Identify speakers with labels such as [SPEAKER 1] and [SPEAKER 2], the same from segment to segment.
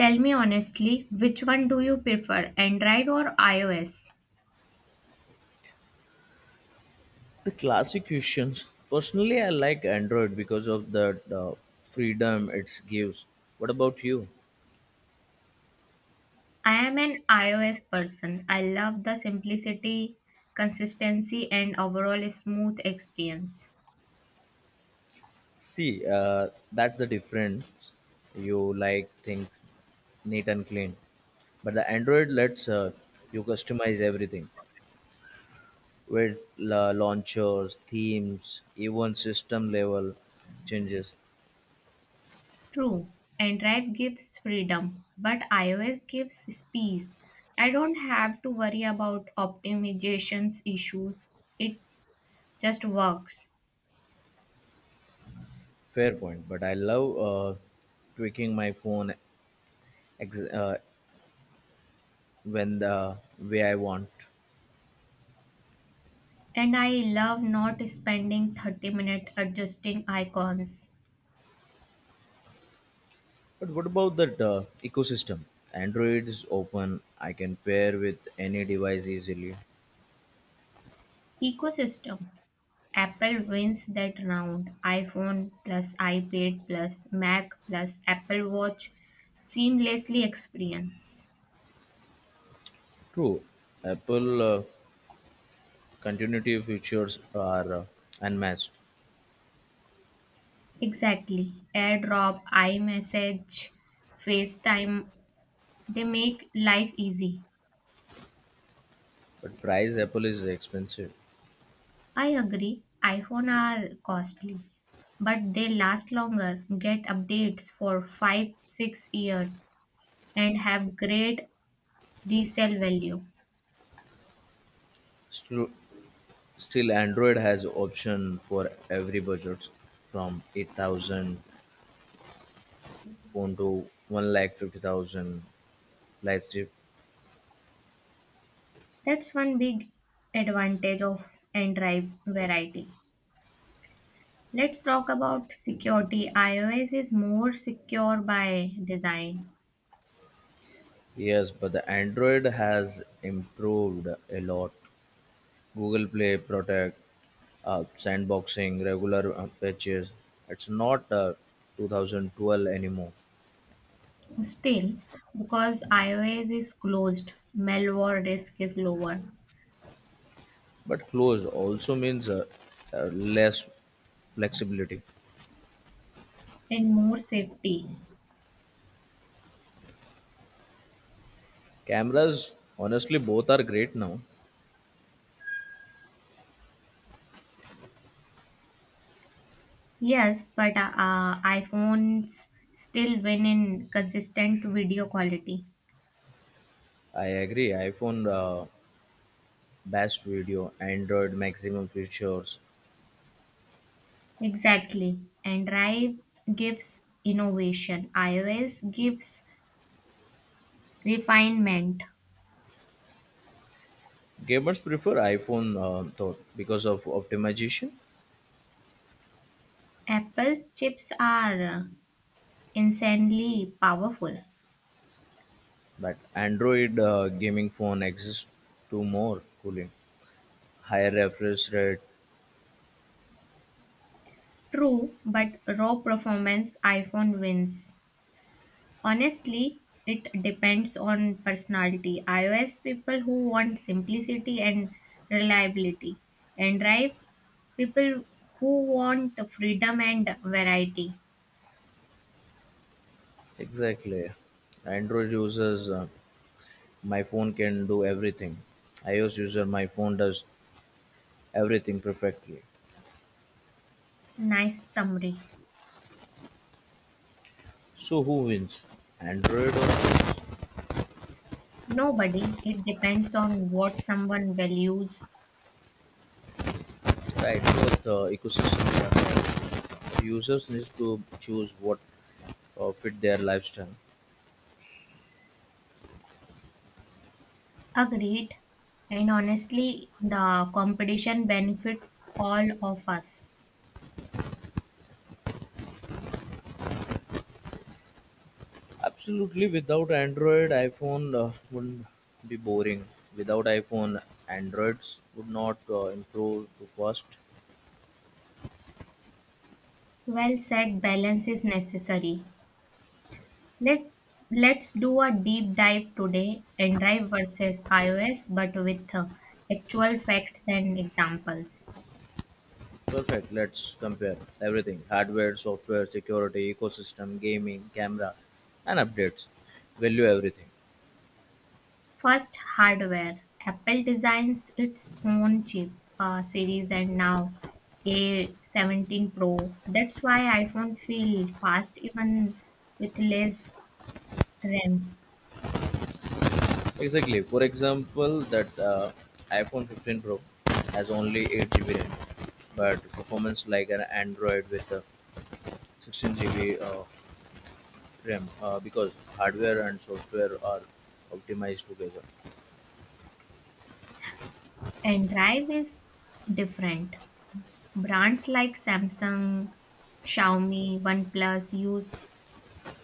[SPEAKER 1] Tell me honestly, which one do you prefer, Android or iOS?
[SPEAKER 2] The classic questions. Personally, I like Android because of the freedom it gives. What about you?
[SPEAKER 1] I am an iOS person. I love the simplicity, consistency, and overall smooth experience.
[SPEAKER 2] See, that's the difference. You like things neat and clean, but the Android lets you customize everything with launchers, themes, even system level changes.
[SPEAKER 1] True, Android gives freedom, but iOS gives peace. I don't have to worry about optimizations issues. It just works.
[SPEAKER 2] Fair point, but I love tweaking my phone ex- uh, when the way I want.
[SPEAKER 1] And I love not spending 30 minutes adjusting icons.
[SPEAKER 2] But what about that ecosystem? Android is open. I can pair with any device easily.
[SPEAKER 1] Ecosystem. Apple wins that round. iPhone plus iPad plus Mac plus Apple Watch seamlessly experience.
[SPEAKER 2] True, Apple continuity features are unmatched,
[SPEAKER 1] Exactly. AirDrop, iMessage, FaceTime, they make life easy.
[SPEAKER 2] but price Apple is expensive.
[SPEAKER 1] I agree. iPhone are costly, but they last longer, get updates for 5 6 years and have great resale value.
[SPEAKER 2] Still, still, Android has option for every budget, from 8,000 phone to one lakh 50,000 flagship.
[SPEAKER 1] That's one big advantage of Android variety. Let's talk about security. iOS is more secure by design.
[SPEAKER 2] Yes, but the Android has improved a lot. Google Play Protect, sandboxing, regular patches. It's not 2012 anymore.
[SPEAKER 1] Still, because iOS is closed, malware risk is lower
[SPEAKER 2] But close also means less flexibility.
[SPEAKER 1] and more safety.
[SPEAKER 2] Cameras, honestly, both are great now.
[SPEAKER 1] Yes, but iPhones still win in consistent video quality.
[SPEAKER 2] I agree. iPhone best video, Android maximum features.
[SPEAKER 1] Exactly. Android gives innovation, iOS gives refinement.
[SPEAKER 2] Gamers prefer iPhone though because of optimization,
[SPEAKER 1] Apple's chips are insanely powerful.
[SPEAKER 2] but Android gaming phone exists to more cooling, higher refresh rate.
[SPEAKER 1] True, but raw performance iPhone wins. Honestly, it depends on personality. iOS people who want simplicity and reliability, and Android people who want freedom and variety.
[SPEAKER 2] Exactly. Android users, my phone can do everything. iOS user, my phone does everything perfectly.
[SPEAKER 1] Nice summary.
[SPEAKER 2] So who wins? Android or the
[SPEAKER 1] Nobody, it depends on what someone values.
[SPEAKER 2] iOS ecosystem? Users need to choose what fit their lifestyle.
[SPEAKER 1] Agreed. And honestly, the competition benefits all of us.
[SPEAKER 2] Absolutely. Without Android, iPhone would be boring. Without iPhone, Androids would not improve too fast.
[SPEAKER 1] Well said, balance is necessary. Let let's do a deep dive today, Android versus iOS, but with actual facts and examples.
[SPEAKER 2] Perfect. Let's compare everything: hardware, software, security, ecosystem, gaming, camera, and updates. Value everything.
[SPEAKER 1] First, hardware. Apple designs its own chips, series, and now A17 Pro. That's why iPhone feel fast even with less RAM.
[SPEAKER 2] Exactly. For example, that iPhone 15 Pro has only 8 GB RAM, but performance like an Android with 16 GB RAM because hardware and software are optimized together.
[SPEAKER 1] Android is different. Brands like Samsung, Xiaomi, OnePlus use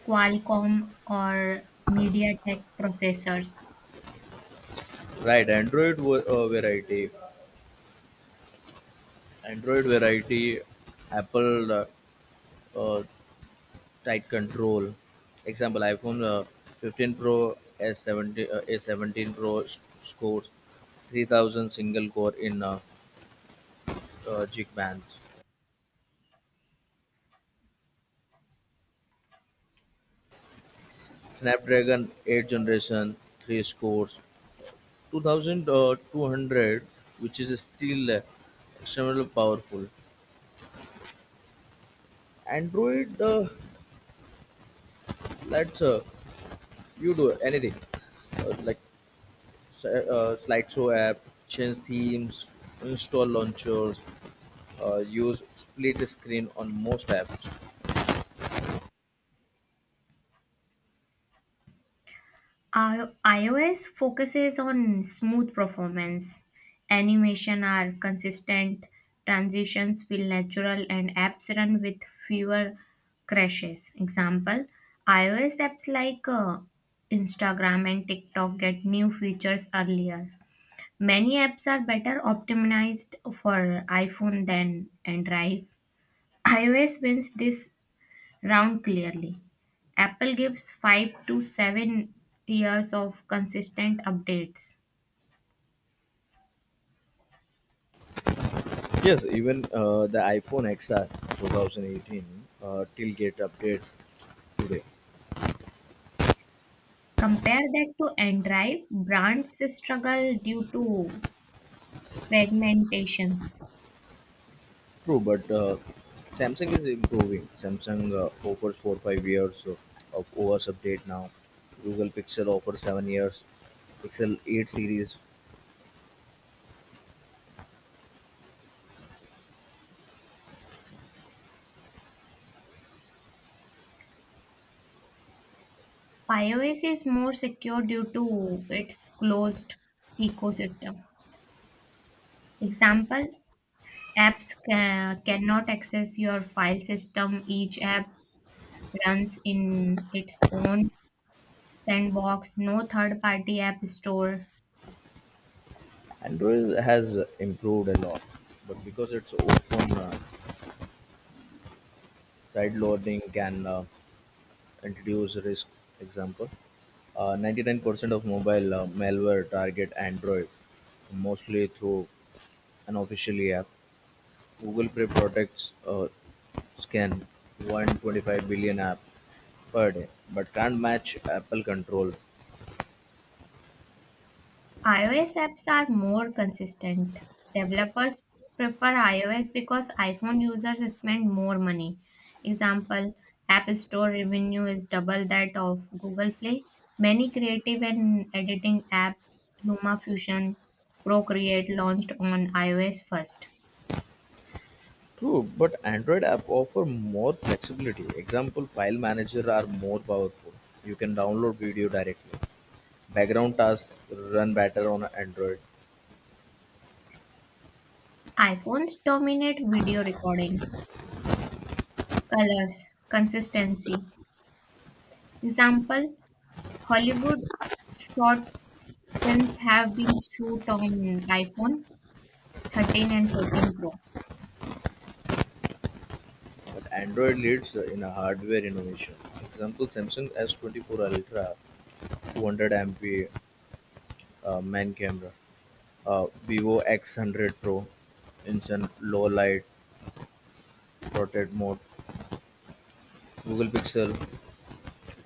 [SPEAKER 1] Qualcomm or MediaTek processors.
[SPEAKER 2] Right. Variety. Android variety. Apple. Uh, Tight control. Example: iPhone 15 Pro S70, A17 Pro scores 3000 single core in jig bands. Snapdragon 8 generation 3 scores 2200, which is still extremely powerful. Android lets you do anything like slideshow app, change themes, install launchers, use split screen on most apps.
[SPEAKER 1] iOS focuses on smooth performance. Animation are consistent, transitions feel natural, and apps run with fewer crashes. Example iOS apps like Instagram and TikTok get new features earlier. Many apps are better optimized for iPhone than Android. iOS wins this round clearly. Apple gives 5 to 7 years of consistent updates.
[SPEAKER 2] Yes, even the iPhone XR 2018 till get update today.
[SPEAKER 1] Compare that to Android, brands struggle due to fragmentations.
[SPEAKER 2] True, but Samsung is improving. Samsung offers 4 5 years of OS update now. Google Pixel offers 7 years. Pixel 8 series.
[SPEAKER 1] iOS is more secure due to its closed ecosystem. Example, apps cannot access your file system. Each app runs in its own sandbox, no third party app store.
[SPEAKER 2] Android has improved a lot, but because it's open, side loading can introduce risk. Example. 99% of mobile malware target Android, mostly through an official app. Google Play protects scan 125 billion app per day, but can't match Apple control.
[SPEAKER 1] iOS apps are more consistent. Developers prefer iOS because iPhone users spend more money. Example, App Store revenue is double that of Google Play. Many creative and editing app LumaFusion Procreate launched on iOS first.
[SPEAKER 2] True, but Android app offer more flexibility. Example, file manager are more powerful. You can download video directly. Background tasks run better on Android,
[SPEAKER 1] iPhones dominate video recording, colors, consistency. Example, Hollywood short films have been shoot on iPhone. 13 and 14 Pro.
[SPEAKER 2] but Android leads in a hardware innovation. Example, Samsung S24 Ultra 200 MP main camera, Vivo X100 Pro instant low light, portrait mode, Google Pixel,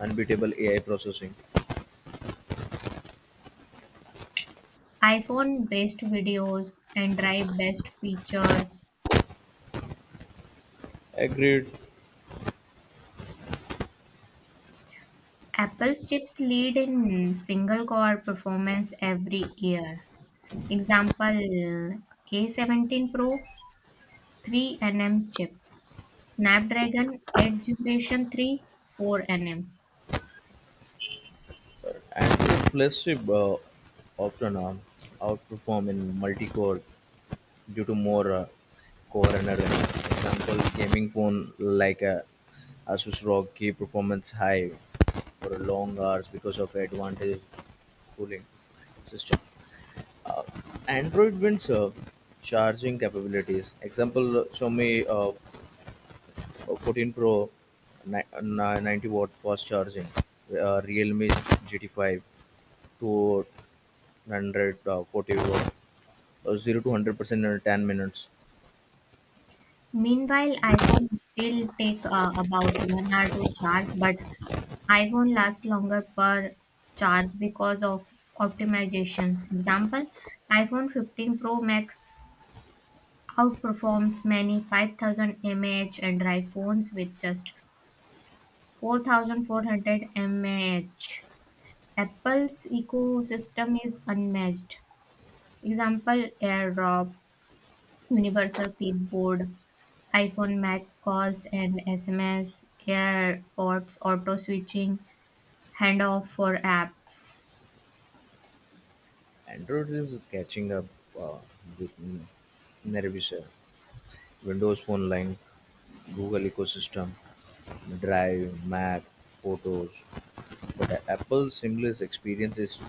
[SPEAKER 2] unbeatable AI processing.
[SPEAKER 1] iPhone best videos, and Drive best features.
[SPEAKER 2] Agreed,
[SPEAKER 1] Apple's chips lead in single core performance every year. Example A17 Pro 3 nm chip, Snapdragon 8 Generation 3 4 nm.
[SPEAKER 2] and flagship often outperform in multi-core due to more core energy. Example, gaming phone like Asus ROG key performance high for long hours because of advantage cooling system. Android Windsor charging capabilities. Example Xiaomi 14 Pro 90-watt fast charging. Realme GT5 240 watt 0 to 100 percent in 10 minutes.
[SPEAKER 1] Meanwhile, iPhone still take about 1 hour to charge but iPhone lasts longer per charge because of optimizations. Example, iPhone 15 Pro Max outperforms many 5,000 mAh and phones with just 4,400 mAh. Apple's ecosystem is unmatched. Example, AirDrop, Universal Clipboard, iPhone Mac calls and SMS, AirPods, auto switching, handoff for apps.
[SPEAKER 2] Android is catching up uh, with Windows Phone line, Google ecosystem, Drive, Map, Photos, but Apple's seamless experience is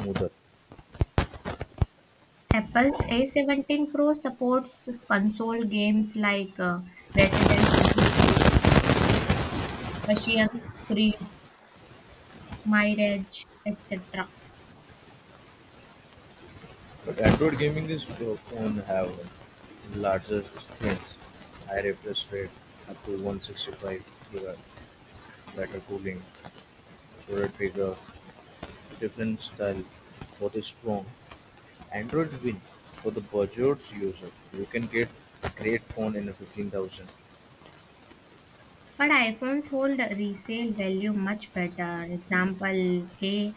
[SPEAKER 2] smoother.
[SPEAKER 1] Apple's A17 Pro supports console games like Resident Evil, Ocean's Creed, Mirage, etc.
[SPEAKER 2] But Android gaming is prone have larger screens, high refresh rate up to 165 GB, better cooling, shorter triggers, different style, both is strong. Android win for the budget user. You can get a great phone in 15,000.
[SPEAKER 1] But iPhones hold a resale value much better. Example, a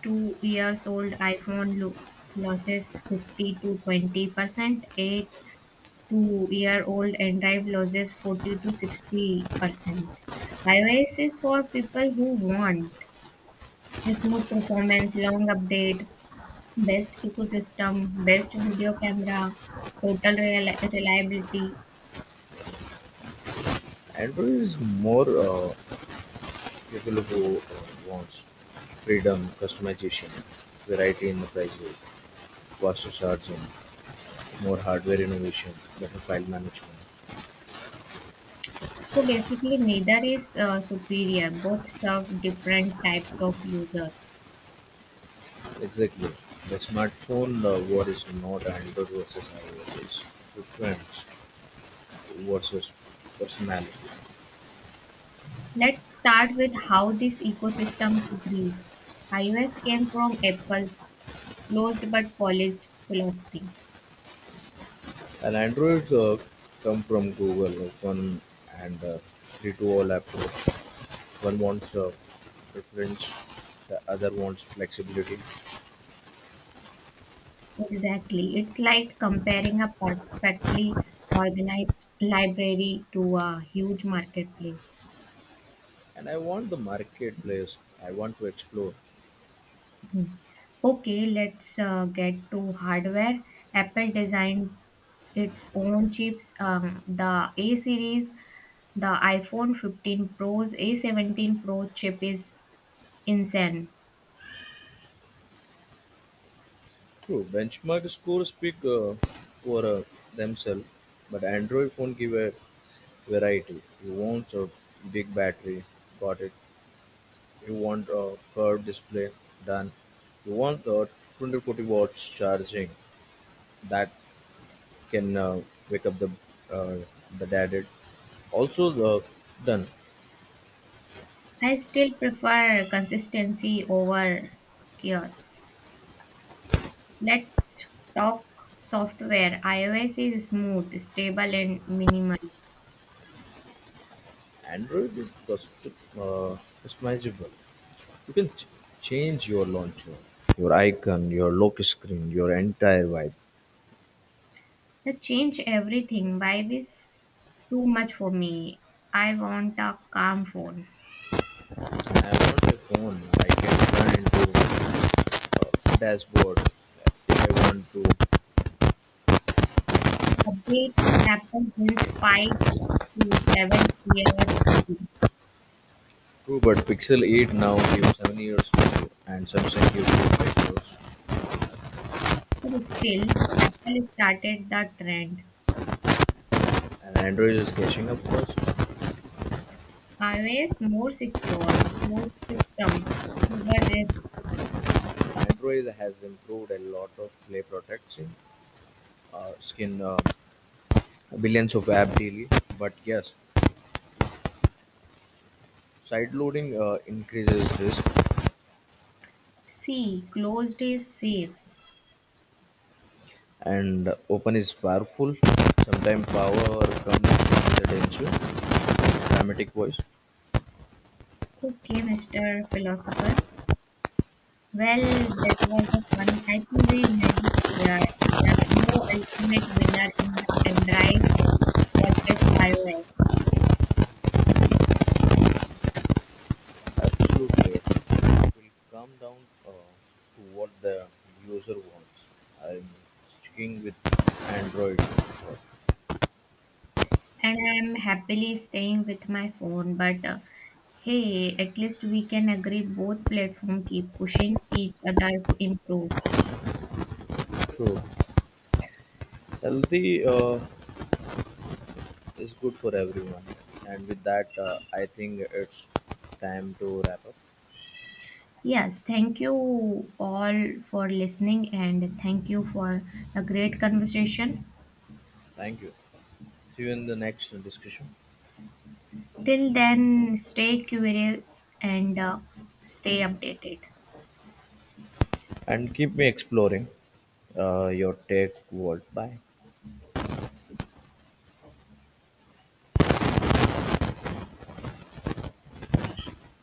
[SPEAKER 1] 2 years old iPhone loses 50 to 20%. A 2 year old N Drive loses 40 to 60%. iOS is for people who want a smooth performance, long update, best ecosystem, best video camera, total reliability.
[SPEAKER 2] Android is more people who wants freedom, customization, variety in the prices, faster charging, more hardware innovation, better file management.
[SPEAKER 1] So basically, neither is superior. Both serve different types of users.
[SPEAKER 2] Exactly. The smartphone war is not Android versus iOS, it's preference versus personality.
[SPEAKER 1] Let's start with how these ecosystems grew. iOS came from Apple's closed but polished philosophy.
[SPEAKER 2] And Androids come from Google, open and free to all approach. One wants preference, the other wants flexibility.
[SPEAKER 1] Exactly. It's like comparing a perfectly organized library to a huge marketplace.
[SPEAKER 2] And I want the marketplace, I want to explore.
[SPEAKER 1] Okay, let's get to hardware. Apple designed its own chips, the A series, the iPhone 15 Pro's A17 Pro chip is insane.
[SPEAKER 2] True, benchmark scores speak for themselves, but Android phone give a variety. You want a big battery, got it. You want a curved display, done. You want a 240 watts charging that can wake up uh, the daddy. Also, the done.
[SPEAKER 1] I still prefer consistency over chaos. Let's talk software. iOS is smooth, stable, and minimal.
[SPEAKER 2] Android is customizable. You can change your launcher, your icon, your lock screen, your entire vibe.
[SPEAKER 1] The change everything vibe is too much for me. I want a calm phone.
[SPEAKER 2] I want a phone I can run into a dashboard if I want to.
[SPEAKER 1] Updates Apple brings 5 to 7 years ago,
[SPEAKER 2] True, but Pixel 8 now gives 7 years to and Samsung gives 5 years.
[SPEAKER 1] but still, Apple started the trend.
[SPEAKER 2] And Android is catching up first.
[SPEAKER 1] iOS more secure, closed system, fewer risk.
[SPEAKER 2] Android has improved a lot of play protection, skin billions of app daily. But yes, side loading increases risk
[SPEAKER 1] C. Closed is safe.
[SPEAKER 2] and open is powerful. Sometimes power comes from the danger, dramatic voice.
[SPEAKER 1] Okay, Mr. Philosopher. Well, that was the fun. I think we made it clear there's no ultimate winner in the Android versus iOS.
[SPEAKER 2] Absolutely. It will come down to what the user wants. I'm sticking with Android.
[SPEAKER 1] And I'm happily staying with my phone. But hey, at least we can agree both platforms keep pushing each other to improve.
[SPEAKER 2] True. Healthy is good for everyone. And with that, I think it's time to wrap up.
[SPEAKER 1] Yes, thank you all for listening and thank you for the great conversation.
[SPEAKER 2] Thank you. See you in the next discussion.
[SPEAKER 1] Till then, stay curious and stay updated.
[SPEAKER 2] And keep me exploring your tech world. Bye.